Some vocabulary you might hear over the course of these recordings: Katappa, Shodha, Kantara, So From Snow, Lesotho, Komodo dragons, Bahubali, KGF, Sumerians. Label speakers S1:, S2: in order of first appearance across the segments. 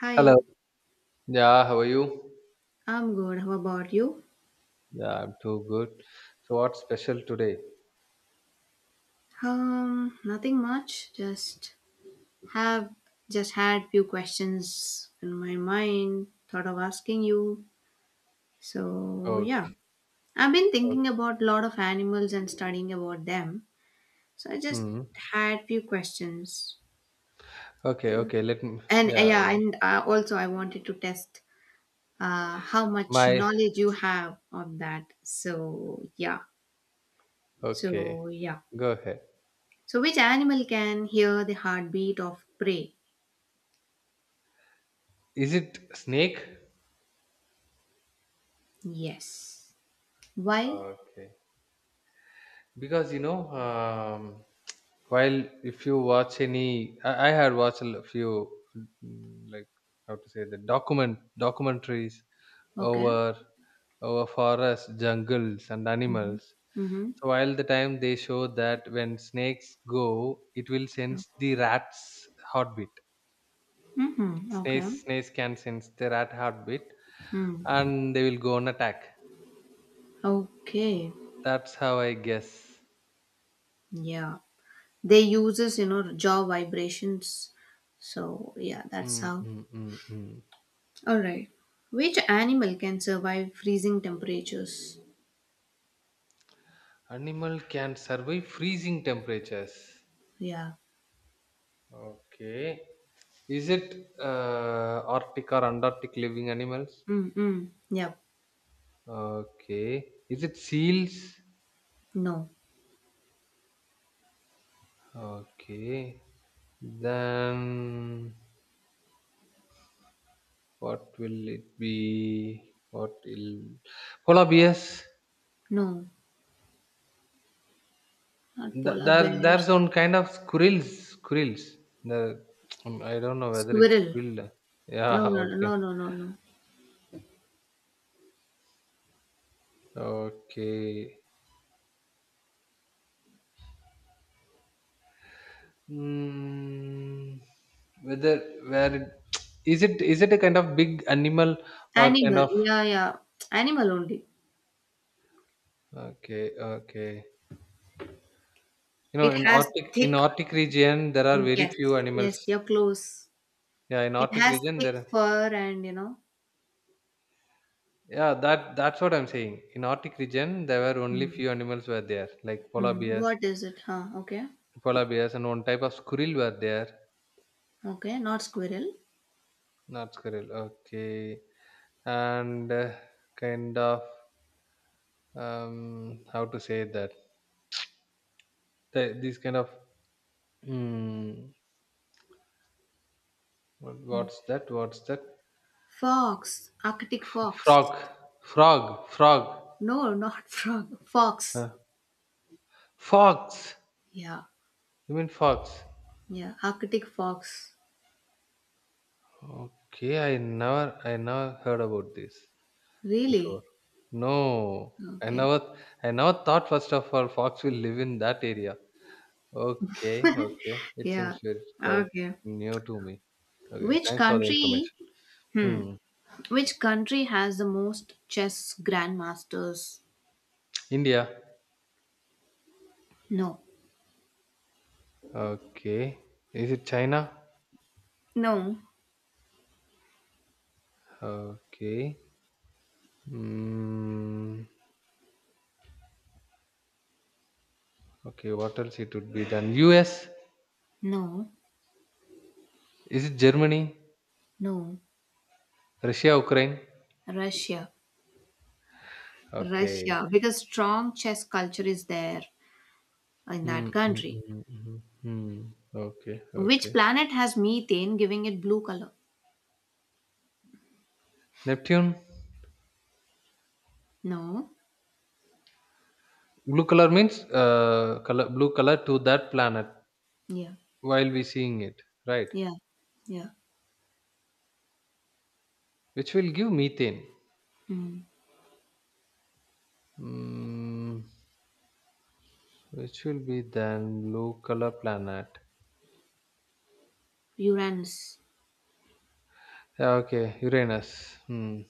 S1: Hi,
S2: Hello. Yeah, how are you?
S1: I'm good. How about you?
S2: Yeah, I'm too good. So what's special today?
S1: Nothing much. Have just had few questions in my mind. Thought of asking you. So yeah,
S2: Okay,
S1: I've been thinking
S2: okay.
S1: about a lot of animals and studying about them. So I just
S2: Hmm.
S1: had few questions,
S2: Okay, okay. Let me
S1: and
S2: Yeah,
S1: yeah,
S2: yeah.
S1: and also I wanted to test how much
S2: My
S1: knowledge you have of that. So yeah,
S2: Okay.
S1: so yeah.
S2: Go ahead.
S1: So which animal can hear the heartbeat of prey?
S2: Is it snake?
S1: Yes. Why?
S2: Okay. Because you know, um while if you watch any I had watched a few like how to say the documentaries
S1: Okay.
S2: over over forests, jungles, and
S1: Mm-hmm.
S2: animals.
S1: Mm-hmm.
S2: So while the time they show that when snakes go, it will sense the rat's heartbeat.
S1: Mm-hmm. Okay.
S2: Snakes can sense the rat heartbeat,
S1: Hmm.
S2: and they will go on attack.
S1: Okay.
S2: That's how I guess.
S1: Yeah. They uses, you know, jaw vibrations. So yeah, that's
S2: Mm,
S1: how.
S2: mm, mm, mm.
S1: Alright. Which animal can survive freezing temperatures?
S2: Animal can survive freezing temperatures.
S1: Yeah.
S2: Okay. Is it Arctic or Antarctic living animals?
S1: Mm-hmm. Yep.
S2: Okay. Is it seals?
S1: No.
S2: Okay. Then what will it be? What will Polar bears?
S1: No. Not
S2: Th-
S1: polar
S2: There,
S1: bears.
S2: there's one kind of squirrels. Squirrels. The I don't know whether it's
S1: Squirrel.
S2: squirrel. Yeah.
S1: No, no,
S2: Okay.
S1: no, no, no, no.
S2: Okay. Mm, whether where it, is it? Is it a kind of big animal or kind
S1: Animal.
S2: of?
S1: Yeah, yeah. Animal only.
S2: Okay. Okay. You know,
S1: It
S2: in
S1: has
S2: Arctic in
S1: thick.
S2: Arctic region, there are very
S1: Yes,
S2: few
S1: yes,
S2: animals.
S1: you're close.
S2: Yeah, in
S1: It
S2: Arctic
S1: has
S2: region
S1: thick
S2: there.
S1: fur and you know.
S2: Yeah, that's what I'm saying. In Arctic region, there were only
S1: Hmm.
S2: few animals were there, like polar
S1: Hmm.
S2: bears,
S1: What is it? Huh. Okay.
S2: and one type of squirrel were there.
S1: Okay. Not squirrel.
S2: Not squirrel, okay. And kind of how to say that? These kind of mm, what's that? What's that?
S1: Fox. Arctic fox.
S2: Frog, frog, frog.
S1: No, not frog. Fox.
S2: Uh, fox.
S1: Yeah.
S2: You mean fox?
S1: Yeah. Arctic fox.
S2: Okay, I never heard about this before.
S1: Really?
S2: No, I
S1: Okay.
S2: never, I never thought first of all fox will live in that area. Okay, okay. It
S1: Yeah.
S2: seems very quite
S1: Okay.
S2: new to me. Okay,
S1: Which
S2: thanks for the
S1: country?
S2: information.
S1: Hmm.
S2: Hmm.
S1: Which country has the most chess grandmasters?
S2: India.
S1: No.
S2: Okay. Is it China?
S1: No.
S2: Okay. Hmm. Okay. What else it would be done? U.S.?
S1: No.
S2: Is it Germany?
S1: No.
S2: Russia, Ukraine?
S1: Russia.
S2: Okay.
S1: Russia, because strong chess culture is there in
S2: Hmm.
S1: that
S2: Hmm,
S1: country.
S2: hmm, hmm, hmm, hmm. Okay.
S1: Which
S2: Okay.
S1: planet has methane giving it blue color?
S2: Neptune.
S1: No.
S2: Blue color means color blue color to that planet
S1: Yeah.
S2: while we seeing it, right?
S1: Yeah. Yeah.
S2: Which will give methane.
S1: Mm.
S2: Mm, which will be then blue color planet.
S1: Uranus.
S2: Yeah, okay, Uranus. Hmm.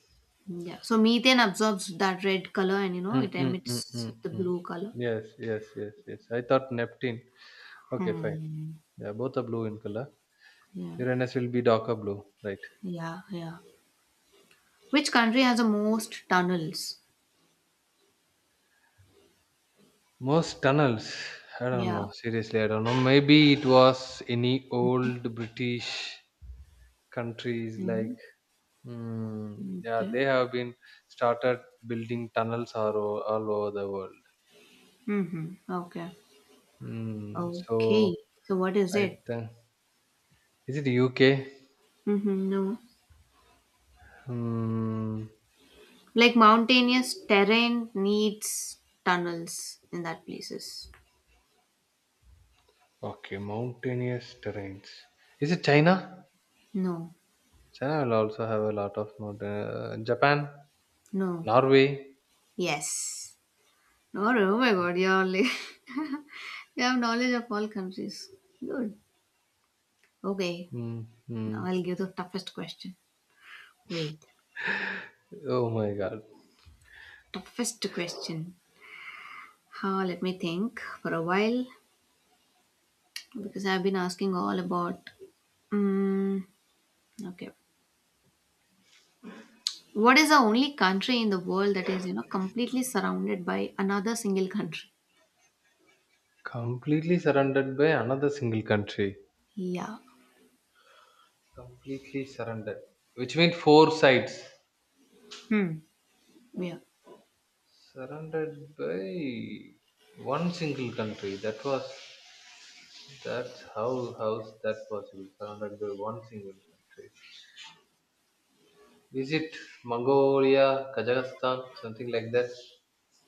S1: Yeah. So methane absorbs that red color and you know
S2: Mm,
S1: it
S2: mm, mm,
S1: emits
S2: mm,
S1: the
S2: mm.
S1: blue color.
S2: Yes, yes, yes, yes. I thought Neptune. Okay, fine.
S1: Hmm.
S2: Yeah, both are blue in color.
S1: Yeah.
S2: Uranus will be darker blue, right?
S1: Yeah. Yeah. Which country has the most tunnels?
S2: Most tunnels. I don't
S1: Yeah.
S2: know. Seriously, I don't know. Maybe it was any old British countries
S1: Mm-hmm.
S2: like yeah,
S1: Okay.
S2: they have been started building tunnels all over the world.
S1: Mm-hmm. Okay.
S2: So
S1: Okay. So what is
S2: I
S1: it?
S2: think, is it UK?
S1: Mm-hmm. No.
S2: Mm,
S1: Like mountainous terrain needs tunnels in that places.
S2: okay, mountainous terrains. Is it China?
S1: No,
S2: China will also have a lot of mountain. Japan,
S1: no,
S2: Norway.
S1: yes. No, oh my god, you're like, you have knowledge of all countries. Good. Okay,
S2: Mm,
S1: now
S2: mm.
S1: I'll give the toughest question. Wait,
S2: Oh my God!
S1: toughest question. Huh, let me think for a while because I've been asking all about. Mm, okay. What is the only country in the world that is, you know, completely surrounded by another single country?
S2: Completely surrounded by another single country.
S1: Yeah.
S2: Completely surrounded, which means four sides,
S1: Hmm. Yeah.
S2: surrounded by one single country. That was that's how how's that possible? Surrounded by one single country. Is it Mongolia, Kazakhstan, something like that,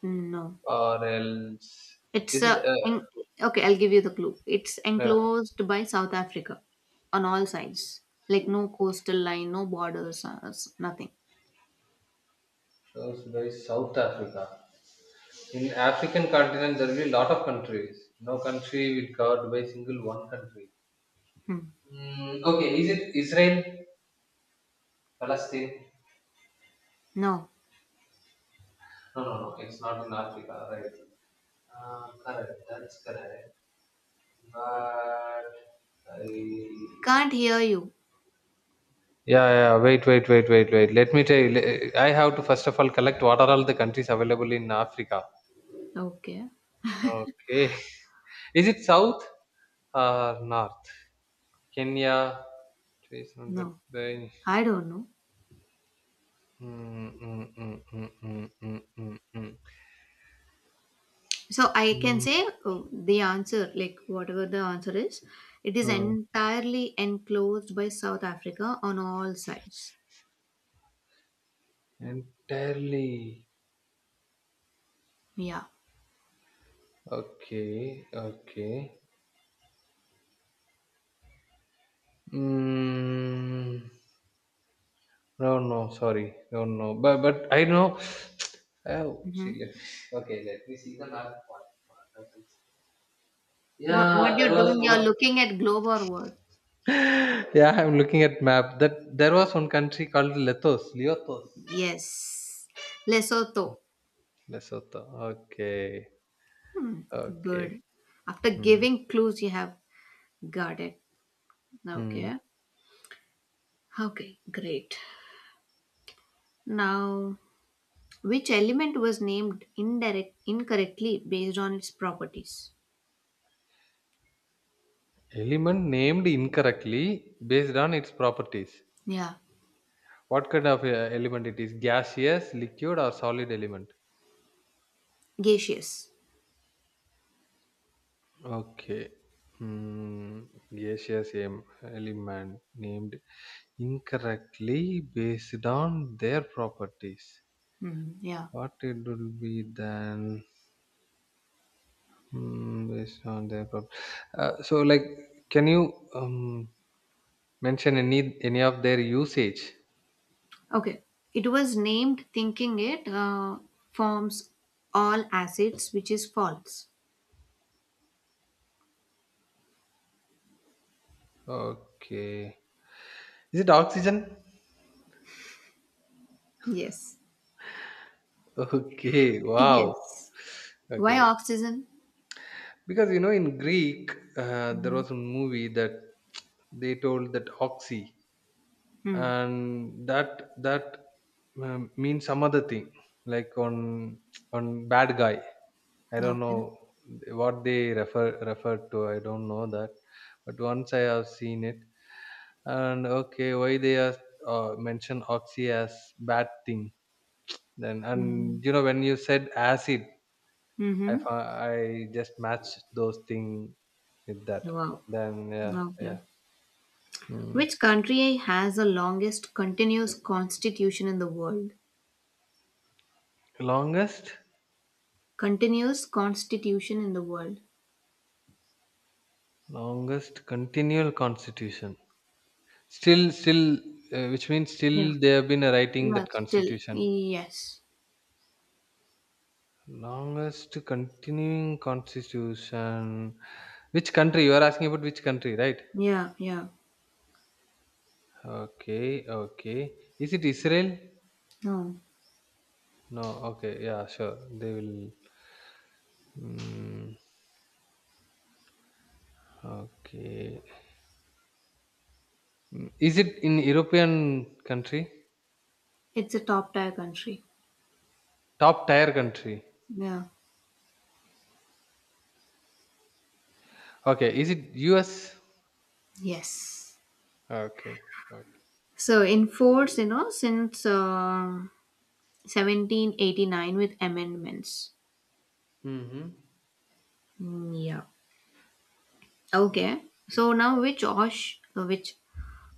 S1: No.
S2: or else
S1: It's
S2: is it
S1: a en- okay, I'll give you the clue. It's
S2: uh,
S1: enclosed by South Africa on all sides. Like no coastal line, no borders, nothing.
S2: goes by South Africa? In African continent, there will be a lot of countries. No country will covered by single one country.
S1: Hmm.
S2: Mm, okay, is it Israel, Palestine?
S1: No.
S2: No, no, no. It's not in Africa, right? Correct, that's correct. But I
S1: Can't hear you.
S2: Yeah, yeah. Wait, wait, wait, wait, wait. Let me tell you. I have to first of all collect what are all the countries available in Africa.
S1: Okay.
S2: Okay. Is it south or north? Kenya. 300
S1: No.
S2: by.
S1: I don't know.
S2: Mm, mm, mm, mm, mm, mm, mm, mm.
S1: So I can
S2: Mm,
S1: say the answer, like whatever the answer is, it is
S2: mm.
S1: entirely enclosed by South Africa on all sides.
S2: Entirely.
S1: Yeah.
S2: Okay. Okay. Mm. No, no, sorry. No, no. But I know. Oh,
S1: Mm-hmm.
S2: see. Let Okay, let me see the map. What happens?
S1: What
S2: Yeah, there
S1: you're doing,
S2: was
S1: you're
S2: one.
S1: looking at globe or what?
S2: Yeah, I'm looking at map. That there was one country called Lethos, Leotos,
S1: Yes. Lesotho.
S2: Lesotho. Okay, okay.
S1: Good. After
S2: Hmm.
S1: giving clues, you have got it.
S2: Hmm.
S1: Okay. Okay, great. Now, which element was named indirect incorrectly based on its properties?
S2: Element named incorrectly based on its properties.
S1: Yeah,
S2: What kind of element it is? Gaseous, liquid, or solid element?
S1: gaseous.
S2: Okay. Hmm. Asia same element named incorrectly based on their properties.
S1: Hmm, yeah.
S2: What it will be then, based on their so like, can you mention any of their usage?
S1: Okay. It was named thinking it forms all acids, which is false.
S2: Okay. Is it oxygen?
S1: Yes.
S2: Okay. Wow.
S1: Yes. Why
S2: Okay.
S1: oxygen?
S2: Because you know in Greek, there was a movie that they told that oxy.
S1: Hmm.
S2: And that means some other thing, like on bad guy. I don't
S1: Okay.
S2: know what they refer to. I don't know that, but once I have seen it. And okay, why they are mention oxy as bad thing? Then
S1: Mm-hmm.
S2: and you know, when you said acid,
S1: Mm-hmm.
S2: I just matched those thing with that.
S1: Wow.
S2: Then, yeah,
S1: Okay.
S2: yeah. Hmm.
S1: Which country has the longest continuous constitution in the world?
S2: Longest
S1: Continuous constitution in the world.
S2: longest continual constitution. Still, which means
S1: Yeah.
S2: still they have been writing
S1: Yeah,
S2: that
S1: still.
S2: constitution.
S1: Yes.
S2: Longest continuing constitution. Which country? You are asking about which country, right?
S1: Yeah, yeah.
S2: Okay, okay. Is it Israel?
S1: No.
S2: No, okay, yeah, sure. They will. Mm, okay. Is it in European country?
S1: It's a top tier country.
S2: Top tier country.
S1: Yeah.
S2: Okay, is it US?
S1: Yes.
S2: Okay, okay.
S1: So in force, you know, since 1789 with amendments.
S2: Mm-hmm.
S1: Mm, yeah. Okay.
S2: Okay.
S1: So now which Osh, which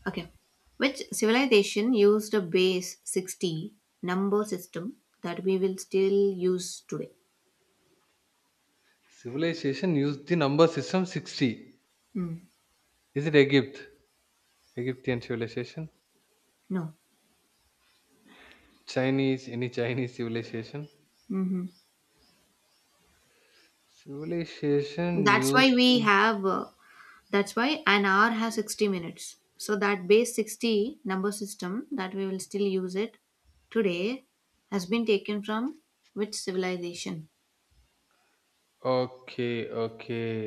S1: Okay. Which civilization used a base 60 number system that we will still use today?
S2: Civilization used the number system 60.
S1: Mm.
S2: Is it Egypt? Egyptian civilization?
S1: No.
S2: Chinese? Any Chinese civilization?
S1: Hmm.
S2: Civilization
S1: That's why
S2: used.
S1: we
S2: in-
S1: have, that's why an hour has 60 minutes. So that base 60 number system that we will still use it today has been taken from which civilization?
S2: Okay, okay,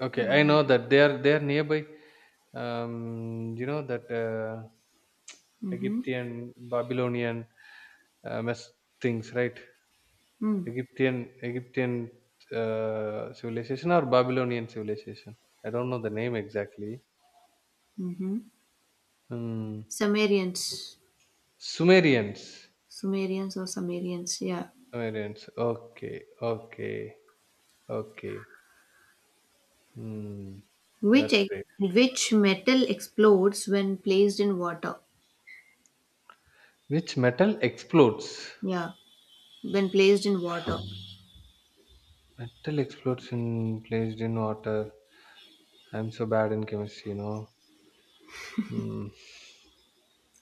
S2: okay. I
S1: Yeah.
S2: know that they are nearby. You know that
S1: Mm-hmm.
S2: Egyptian, Babylonian, mess things, right? Egyptian, Egyptian civilization or Babylonian civilization. I don't know the name exactly.
S1: Mm-hmm.
S2: Hmm.
S1: Sumerians.
S2: Sumerians.
S1: Sumerians or Sumerians, yeah.
S2: Variants. Okay, okay, okay. Hmm, that's great.
S1: Which metal explodes when placed in water?
S2: Which metal explodes?
S1: Yeah, when placed in water.
S2: Metal explodes in placed in water. I'm so bad in chemistry, you know. Hmm.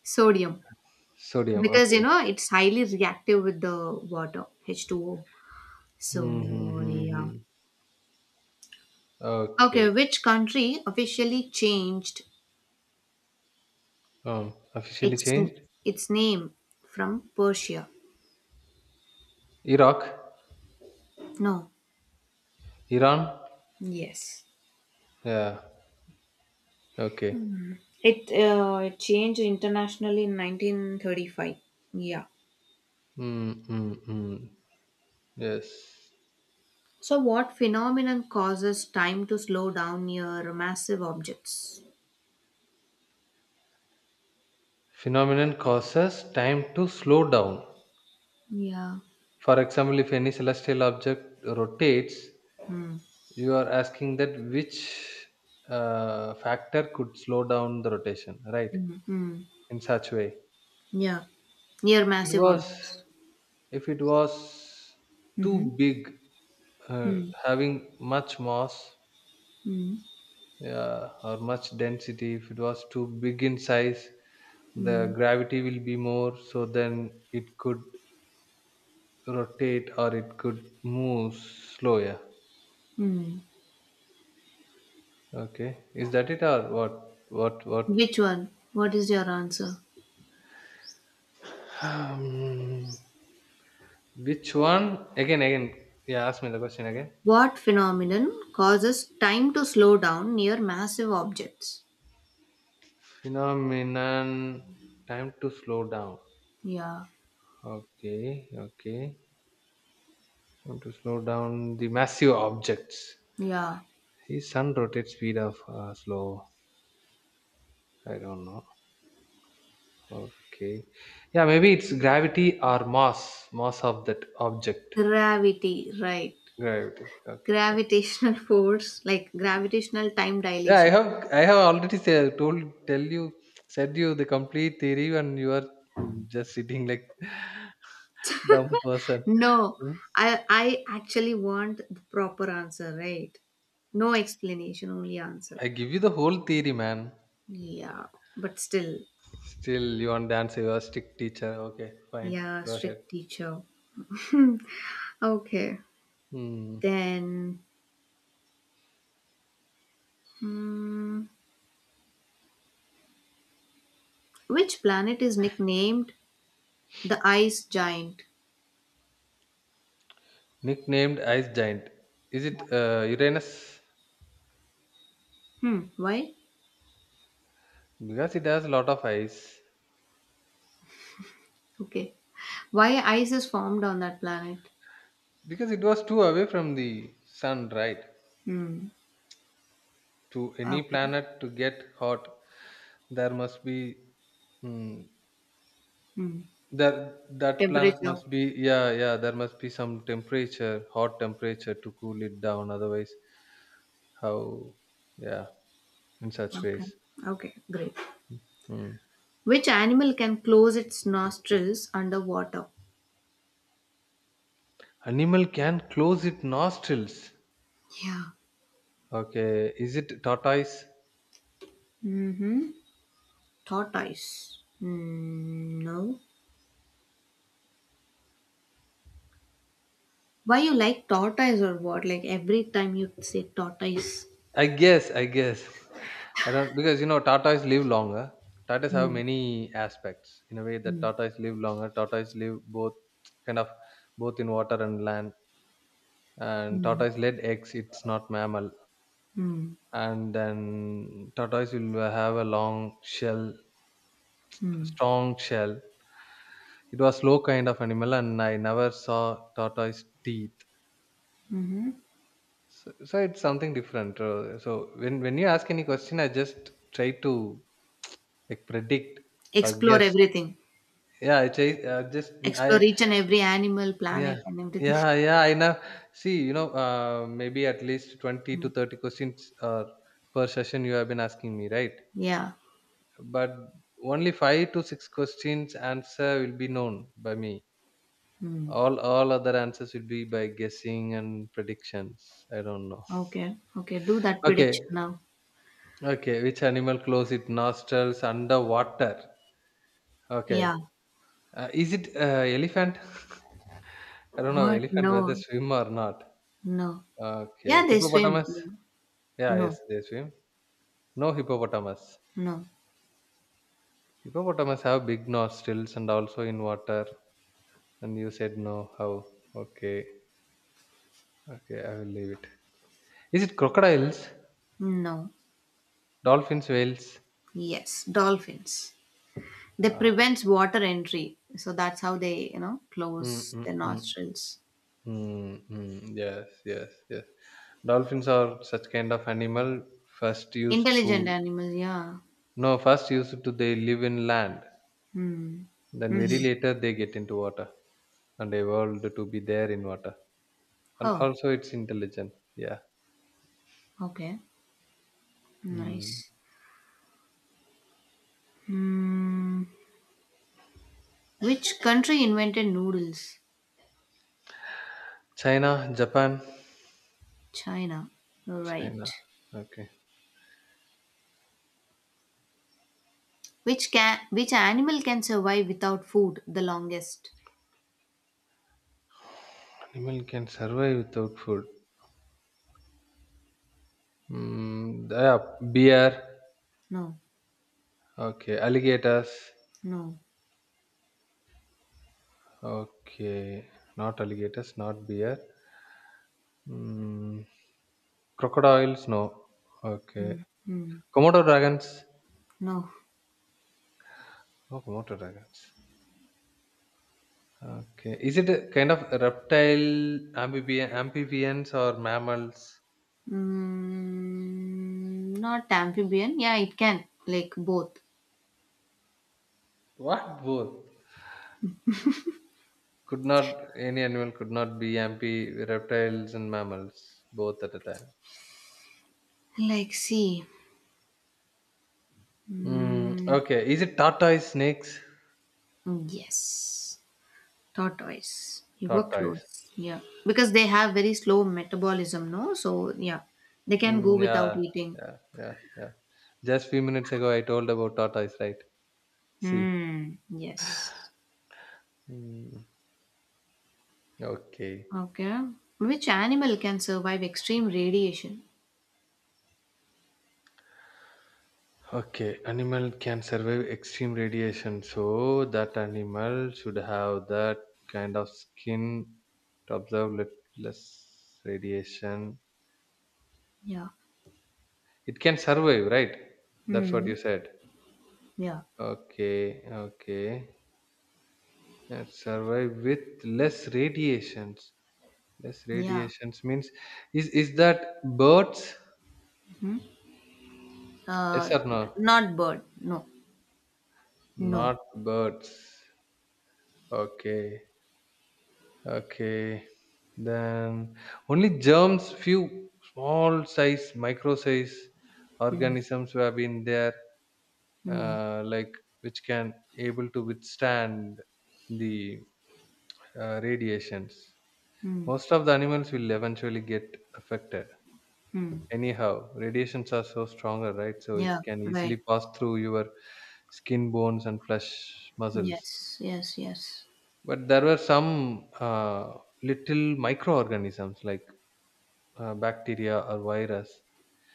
S1: Sodium.
S2: Sodium.
S1: Because you
S2: Okay.
S1: know it's highly reactive with the water, H2O.
S2: Hmm. Hmm,
S1: So
S2: hmm,
S1: yeah.
S2: hmm.
S1: Okay,
S2: Okay.
S1: which country officially changed
S2: Officially
S1: its
S2: changed.
S1: its name from Persia?
S2: Iraq.
S1: No.
S2: Iran.
S1: Yes.
S2: Yeah. Okay.
S1: It changed internationally in 1935. Yeah.
S2: Hmm. Hmm. Hmm. Yes.
S1: So, what phenomenon causes time to slow down near massive objects?
S2: Phenomenon causes time to slow down.
S1: Yeah.
S2: For example, if any celestial object rotates,
S1: Hmm.
S2: you are asking that which factor could slow down the rotation, right?
S1: Hmm. Hmm.
S2: In such way,
S1: Yeah, near
S2: it
S1: massive
S2: was
S1: objects.
S2: if it was
S1: Mm-hmm.
S2: too big, uh,
S1: Hmm.
S2: having much mass
S1: Hmm.
S2: or much density. If it was too big in size,
S1: Hmm.
S2: the gravity will be more, so then it could rotate or it could move slower.
S1: Hmm.
S2: Okay, is that it or what? What? What?
S1: Which one? What is your answer?
S2: Um, Which one? Again, again. Yeah, ask me the question again.
S1: What phenomenon causes time to slow down near massive objects?
S2: Phenomenon. Time to slow down.
S1: Yeah,
S2: Okay, okay. Time to slow down the massive objects.
S1: yeah.
S2: His sun rotates speed of slow. I don't know. Okay. Yeah, maybe it's gravity or mass. Mass of that object.
S1: Gravity, right.
S2: Gravity. Okay, fine.
S1: Gravitational force, like gravitational time
S2: Yeah, I
S1: dilation.
S2: have I have already said, told, tell you, said you the complete theory and you are just sitting like dumb person.
S1: No,
S2: Hmm?
S1: I actually want the proper answer, right? No explanation, only answer.
S2: I give you the whole theory, man.
S1: Yeah, but still,
S2: Still, you want to answer your stick teacher. Okay, fine.
S1: yeah,
S2: Go ahead.
S1: strict teacher. Okay,
S2: Hmm.
S1: then, hmm, which planet is nicknamed the ice giant?
S2: Nicknamed Ice Giant. Is it Uranus?
S1: Hmm, why?
S2: Because it has a lot of ice.
S1: Okay, why ice is formed on that planet?
S2: Because it was too away from the sun, right?
S1: Hmm.
S2: To any
S1: Okay.
S2: planet to get hot, there must be. Hmm,
S1: Hmm.
S2: that planet
S1: Temperature.
S2: must be, yeah, yeah, there must be some temperature hot temperature to cool it down, otherwise how, yeah, in such
S1: Okay.
S2: ways.
S1: Okay. Great.
S2: Hmm.
S1: Which animal can close its nostrils underwater?
S2: Animal can close its nostrils.
S1: Yeah.
S2: Okay, is it tortoise?
S1: Mm-hmm. Tortoise. Mm, no. Why you like tortoise or what? Like every time you say tortoise.
S2: I guess, I guess. I don't Because you know tortoise live longer. Tortoise have
S1: Mm,
S2: many aspects in a way that
S1: mm,
S2: tortoise live longer. Tortoise live both kind of both in water and land. And
S1: mm,
S2: tortoise laid eggs. It's not mammal.
S1: mm,
S2: And then tortoise will have a long shell,
S1: mm,
S2: strong shell. It was slow kind of animal, and I never saw tortoise teeth.
S1: mm-hmm.
S2: So it's something different. So when you ask any question, I just try to like predict or
S1: Explore
S2: guess.
S1: everything.
S2: Yeah, I try, just
S1: Explore
S2: I
S1: each and every animal,
S2: yeah,
S1: planet, and everything.
S2: yeah, yeah. I know. See, you know, maybe at least 20
S1: Mm.
S2: to 30 questions, per session you have been asking me, right?
S1: Yeah.
S2: But only five to six questions answer will be known by me.
S1: Mm.
S2: All other answers will be by guessing and predictions. I don't know.
S1: Okay. Okay. Do that
S2: Okay.
S1: prediction now.
S2: Okay, which animal close its nostrils underwater? Okay.
S1: Yeah.
S2: Is it elephant? I don't know
S1: What?
S2: elephant whether
S1: No.
S2: swim or not.
S1: No.
S2: Okay.
S1: Yeah, they swim.
S2: Hippopotamus?
S1: No.
S2: Yeah,
S1: No.
S2: yes, they swim. No hippopotamus.
S1: No.
S2: Hippopotamus have big nostrils and also in water. And you said no. How? Okay. Okay, I will leave it. Is it crocodiles?
S1: No.
S2: Dolphins, whales?
S1: Yes. Dolphins. They
S2: Uh,
S1: prevents water entry. So that's how they, you know,
S2: mm,
S1: close
S2: mm,
S1: their
S2: mm.
S1: nostrils.
S2: Mm, mm, yes, yes, yes. Dolphins are such kind of animal. First used
S1: Intelligent
S2: to
S1: animals, yeah.
S2: No, first used to they live in land.
S1: Hmm.
S2: Then very
S1: Mm-hmm.
S2: later they get into water and evolved to be there in water. And
S1: Oh,
S2: also it's intelligent. Yeah.
S1: okay.
S2: Mm.
S1: Nice. Hmm. Which country invented noodles?
S2: China, Japan,
S1: China. Right.
S2: China. Okay.
S1: Which animal can survive without food the longest?
S2: Animal can survive without food. Mm, yeah, bear.
S1: No.
S2: Okay, alligators.
S1: No.
S2: Okay, not alligators, not bear. Mm. Crocodiles, no. Okay.
S1: Mm, mm,
S2: Komodo dragons?
S1: no.
S2: Oh, Komodo dragons. Okay. Is it a kind of reptile, amphibians, or mammals?
S1: Mm, not amphibian. Yeah, it can. Like both.
S2: What both? Could not any animal could not be amphi reptiles and mammals both at a time.
S1: Like see.
S2: Mm,
S1: Mm,
S2: okay. Is it tortoise snakes?
S1: oh, yes, tortoise. You were
S2: Tortoise.
S1: close. Yeah, because they have very slow metabolism, no? So yeah, they can go
S2: Mm,
S1: without
S2: yeah,
S1: eating.
S2: yeah, yeah, yeah. Just few minutes ago, I told about tortoise, right? See.
S1: Hmm. Yes.
S2: Mm, okay.
S1: Okay. Which animal can survive extreme radiation?
S2: Okay, animal can survive extreme radiation, so that animal should have that kind of skin to absorb less radiation.
S1: Yeah.
S2: It can survive, right? That's what
S1: Hmm.
S2: you said.
S1: Yeah.
S2: Okay, okay. Survive with less radiations. Less
S1: Yeah.
S2: radiations means is that birds?
S1: Hmm.
S2: Yes
S1: Uh,
S2: or no?
S1: Not bird. No. No.
S2: Not birds. Okay, okay. Then only germs, few small size, micro size
S1: Hmm.
S2: organisms who have been there,
S1: Hmm.
S2: like which can able to withstand the radiations.
S1: Hmm.
S2: Most of the animals will eventually get affected.
S1: Hmm.
S2: Anyhow, radiations are so stronger, right? So it
S1: Yeah.
S2: can
S1: Right.
S2: easily pass through your skin, bones, and flesh muscles.
S1: Yes. Yes. Yes.
S2: But there were some little microorganisms like bacteria or virus,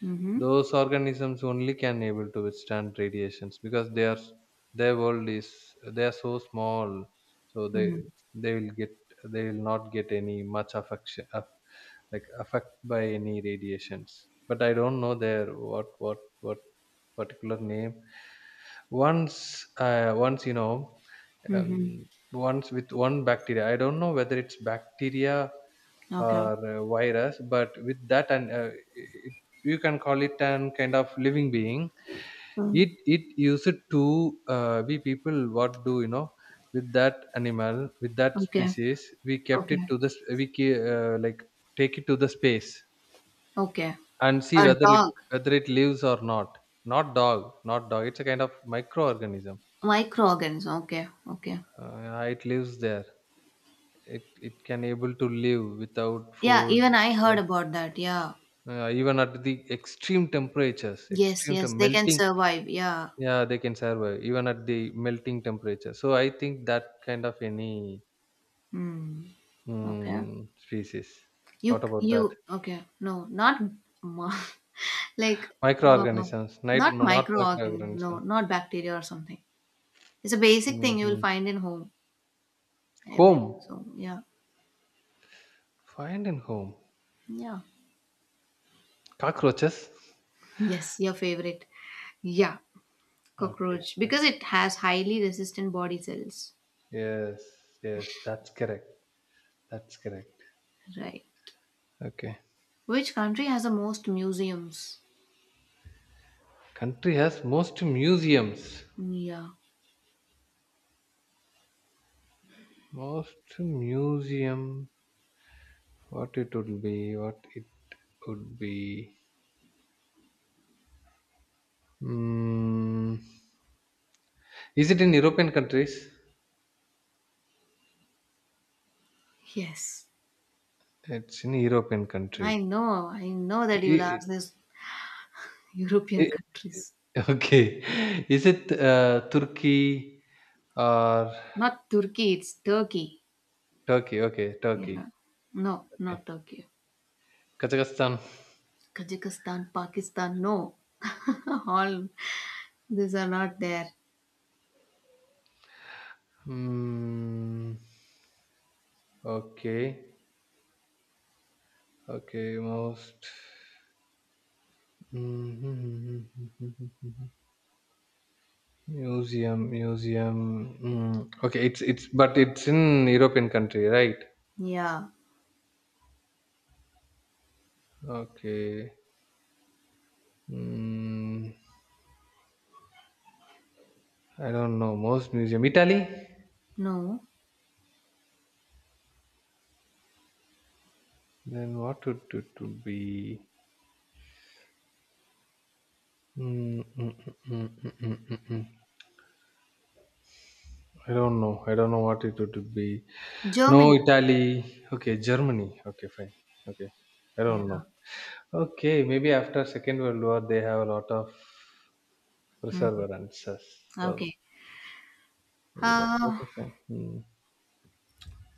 S1: Mm-hmm.
S2: those organisms only can able to withstand radiations because they are their world is they are so small so
S1: Mm-hmm.
S2: they will get they will not get any much affection like affect by any radiations, but I don't know their what particular name once, once you know,
S1: Mm-hmm.
S2: um, once with one bacteria. I don't know whether it's bacteria
S1: Okay.
S2: or virus, but with that and it, you can call it an kind of living being.
S1: Mm.
S2: It used to we people what do you know, with that animal with that
S1: Okay.
S2: species we kept it
S1: Okay.
S2: to the like take it to the space
S1: Okay.
S2: and see
S1: A dog.
S2: whether it lives or not. Not dog, not dog, it's a kind of microorganism.
S1: Microorganism. Okay. Okay.
S2: Yeah, it lives there. It it can able to live without
S1: Yeah, even
S2: food.
S1: I heard
S2: With,
S1: about that. Yeah.
S2: Even at the extreme temperatures,
S1: Yes, yes. They can
S2: melting,
S1: survive. Yeah.
S2: yeah, they can survive even at the melting temperature. So I think that kind of any
S1: Hmm. Okay.
S2: species.
S1: You
S2: What about that?
S1: you okay. No, not mo- like uh,
S2: Microorganisms, night,
S1: not
S2: not
S1: microorganism. No,
S2: microorganisms.
S1: not bacteria or something. It's a basic thing you will
S2: Hmm.
S1: find in home every
S2: Home,
S1: so yeah.
S2: find in home.
S1: Yeah.
S2: Cockroaches.
S1: Yes, your favorite. Yeah.
S2: Okay,
S1: Cockroach
S2: okay.
S1: because it has highly resistant body cells.
S2: Yes. Yes, that's correct. That's correct.
S1: Right.
S2: Okay.
S1: Which country has the most museums?
S2: Country has most museums.
S1: Yeah.
S2: Most museum. What it would be? What it would be? Mm, is it in European countries?
S1: Yes.
S2: It's in European
S1: I
S2: country.
S1: know. I know that
S2: I-
S1: you'll
S2: i-
S1: ask this European
S2: i-
S1: countries.
S2: okay. Is it Turkey or
S1: Not Turkey, it's Turkey.
S2: Turkey? Okay, Turkey.
S1: Yeah. No,
S2: Okay.
S1: not Turkey.
S2: Kazakhstan.
S1: Kazakhstan, Pakistan, no. All these are not there.
S2: Mm, okay. Okay. Most. Museum, museum. Okay, it's but it's in European country, right?
S1: Yeah.
S2: Okay. Mm, I don't know. Most museum, Italy.
S1: No.
S2: Then what would it to be? Mm, mm, mm, mm, mm, mm, mm, mm. mm. I don't know. I don't know what it would be. No,
S1: Germany.
S2: Italy. Okay, Germany. Okay, fine. Okay, I
S1: Yeah.
S2: don't know. Okay, maybe after Second World War they have a lot of
S1: Mm.
S2: perseverances. So
S1: Okay.
S2: maybe that.
S1: Uh,
S2: Okay, fine. Hmm.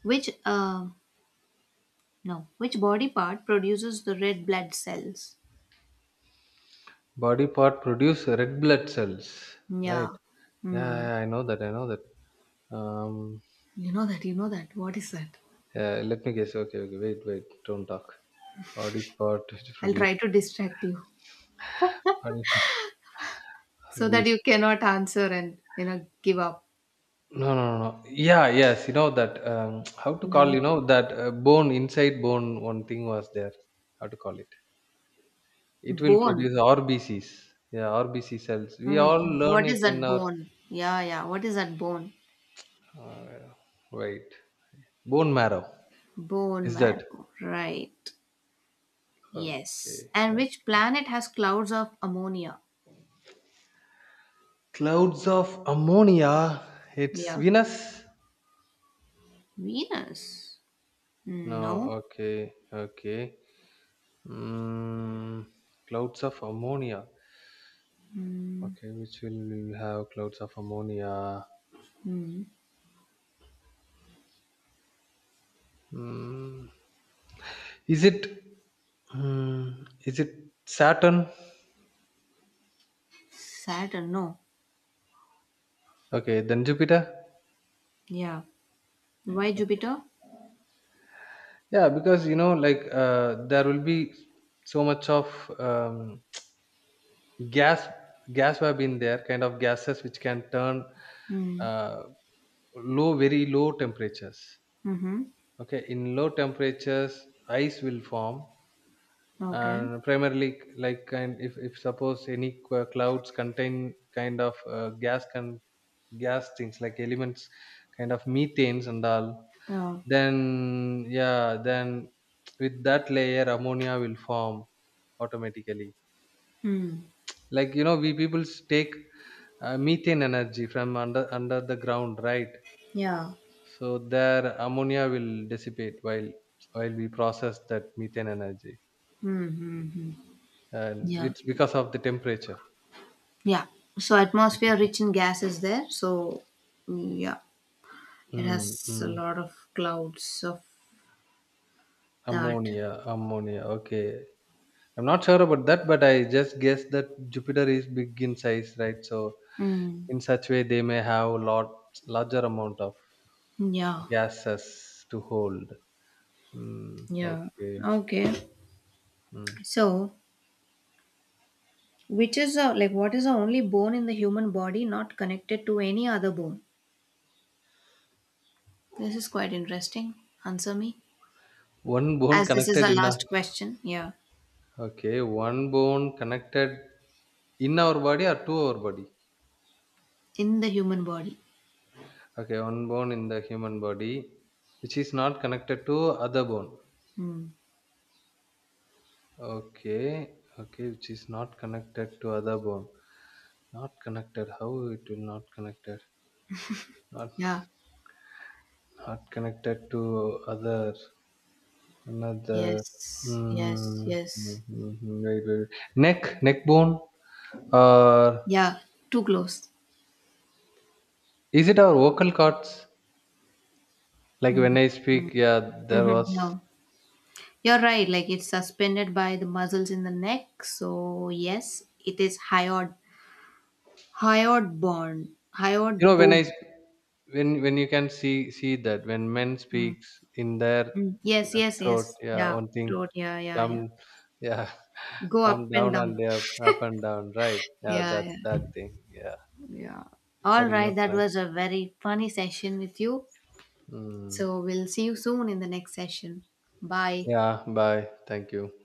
S1: which no, which body part produces the red blood cells?
S2: Body part produce red blood cells, right?
S1: Yeah.
S2: Yeah,
S1: Hmm.
S2: yeah, I know that. I know that.
S1: You know that, you know that. What is that?
S2: Yeah, let me guess. Okay, okay. Wait, wait. Don't talk. Body part which
S1: I'll
S2: produce.
S1: try to distract you
S2: Body part
S1: so that
S2: produce-
S1: you cannot answer and, you know, give up.
S2: no, no, no, no. Yeah, yes. You know that. How to
S1: Yeah,
S2: call?
S1: which
S2: You know that bone inside bone. One thing was there. How to call it? It
S1: one?
S2: will
S1: Bone.
S2: produce RBCs. Yeah, RBC cells. We
S1: Mm.
S2: all
S1: Mm.
S2: learn
S1: What
S2: it
S1: is
S2: in
S1: that
S2: our.
S1: bone? Yeah, yeah. What is that bone?
S2: Uh, wait. Bone marrow.
S1: Bone
S2: Is that?
S1: marrow. Right. Yes.
S2: Okay,
S1: And which
S2: okay.
S1: planet has clouds of ammonia?
S2: Clouds of ammonia. It's
S1: Yeah.
S2: Venus.
S1: Venus.
S2: No,
S1: Mm, no.
S2: okay, okay. Mm, clouds of ammonia.
S1: Mm,
S2: Okay, which will we have clouds of ammonia?
S1: mm.
S2: Mm, is it? Is it Saturn?
S1: Saturn. No.
S2: Okay, then Jupiter.
S1: Yeah. Why Jupiter?
S2: Yeah, because you know, like there will be so much of um, gas, gas have been there, kind of gases which can turn.
S1: Mm.
S2: Uh, low, very low temperatures.
S1: Mm-hmm.
S2: Okay, in low temperatures ice will form,
S1: Okay.
S2: and primarily like kind if suppose any clouds contain kind of gas can gas things like elements, kind of methanes and all,
S1: Yeah.
S2: then yeah then with that layer ammonia will form automatically.
S1: Mm.
S2: Like you know, we people take methane energy from under the ground, right?
S1: Yeah.
S2: So their ammonia will dissipate while we process that methane energy,
S1: Mm-hmm.
S2: and
S1: Yeah.
S2: it's because of the temperature.
S1: Yeah. So atmosphere
S2: Temperature.
S1: rich in gas is there. So mm, yeah, it
S2: Mm,
S1: has a
S2: mm.
S1: lot of clouds of that.
S2: Ammonia, ammonia. Okay, I'm not sure about that, but I just guess that Jupiter is big in size, right? So
S1: Mm.
S2: in such way, they may have a lot, larger amount of
S1: Yeah.
S2: gases to hold. Mm,
S1: Yeah.
S2: okay.
S1: Okay.
S2: Mm.
S1: So which is a, like what is the only bone in the human body not connected to any other bone? This is quite interesting. Answer me.
S2: One bone
S1: As this is the
S2: connected in our,
S1: last question. Yeah.
S2: okay, one bone connected in our body or to our body.
S1: In the human body.
S2: Okay, one bone in the human body which is not connected to other bone.
S1: Hmm.
S2: Okay, okay, which is not connected to other bone. Not connected. How it will not connected? Not
S1: Yeah.
S2: not connected to other, another.
S1: Yes. Yes.
S2: Hmm.
S1: Yes.
S2: Wait, wait, wait. Neck, neck bone, or
S1: Yeah. Too close.
S2: is it our vocal cords? Like when I speak, yeah, there was,
S1: No, you're right. Like it's suspended by the muscles in the neck. So yes, it is hyoid, hyoid bone, hyoid
S2: you know, when
S1: bone.
S2: when you can see that when men
S1: Mm,
S2: speaks in their
S1: mm. Yes, yes,
S2: throat,
S1: yes.
S2: yeah,
S1: Yeah,
S2: one thing
S1: throat. Yeah, yeah,
S2: come,
S1: yeah.
S2: yeah,
S1: Go
S2: come
S1: up and
S2: down and
S1: down.
S2: they are up and down, right? Yeah,
S1: Yeah,
S2: that
S1: yeah,
S2: that thing, yeah,
S1: yeah. All
S2: that will
S1: right,
S2: not
S1: that
S2: connect.
S1: was a very funny session with you.
S2: Mm.
S1: So we'll see you soon in the next session. Bye.
S2: Yeah, bye, thank you.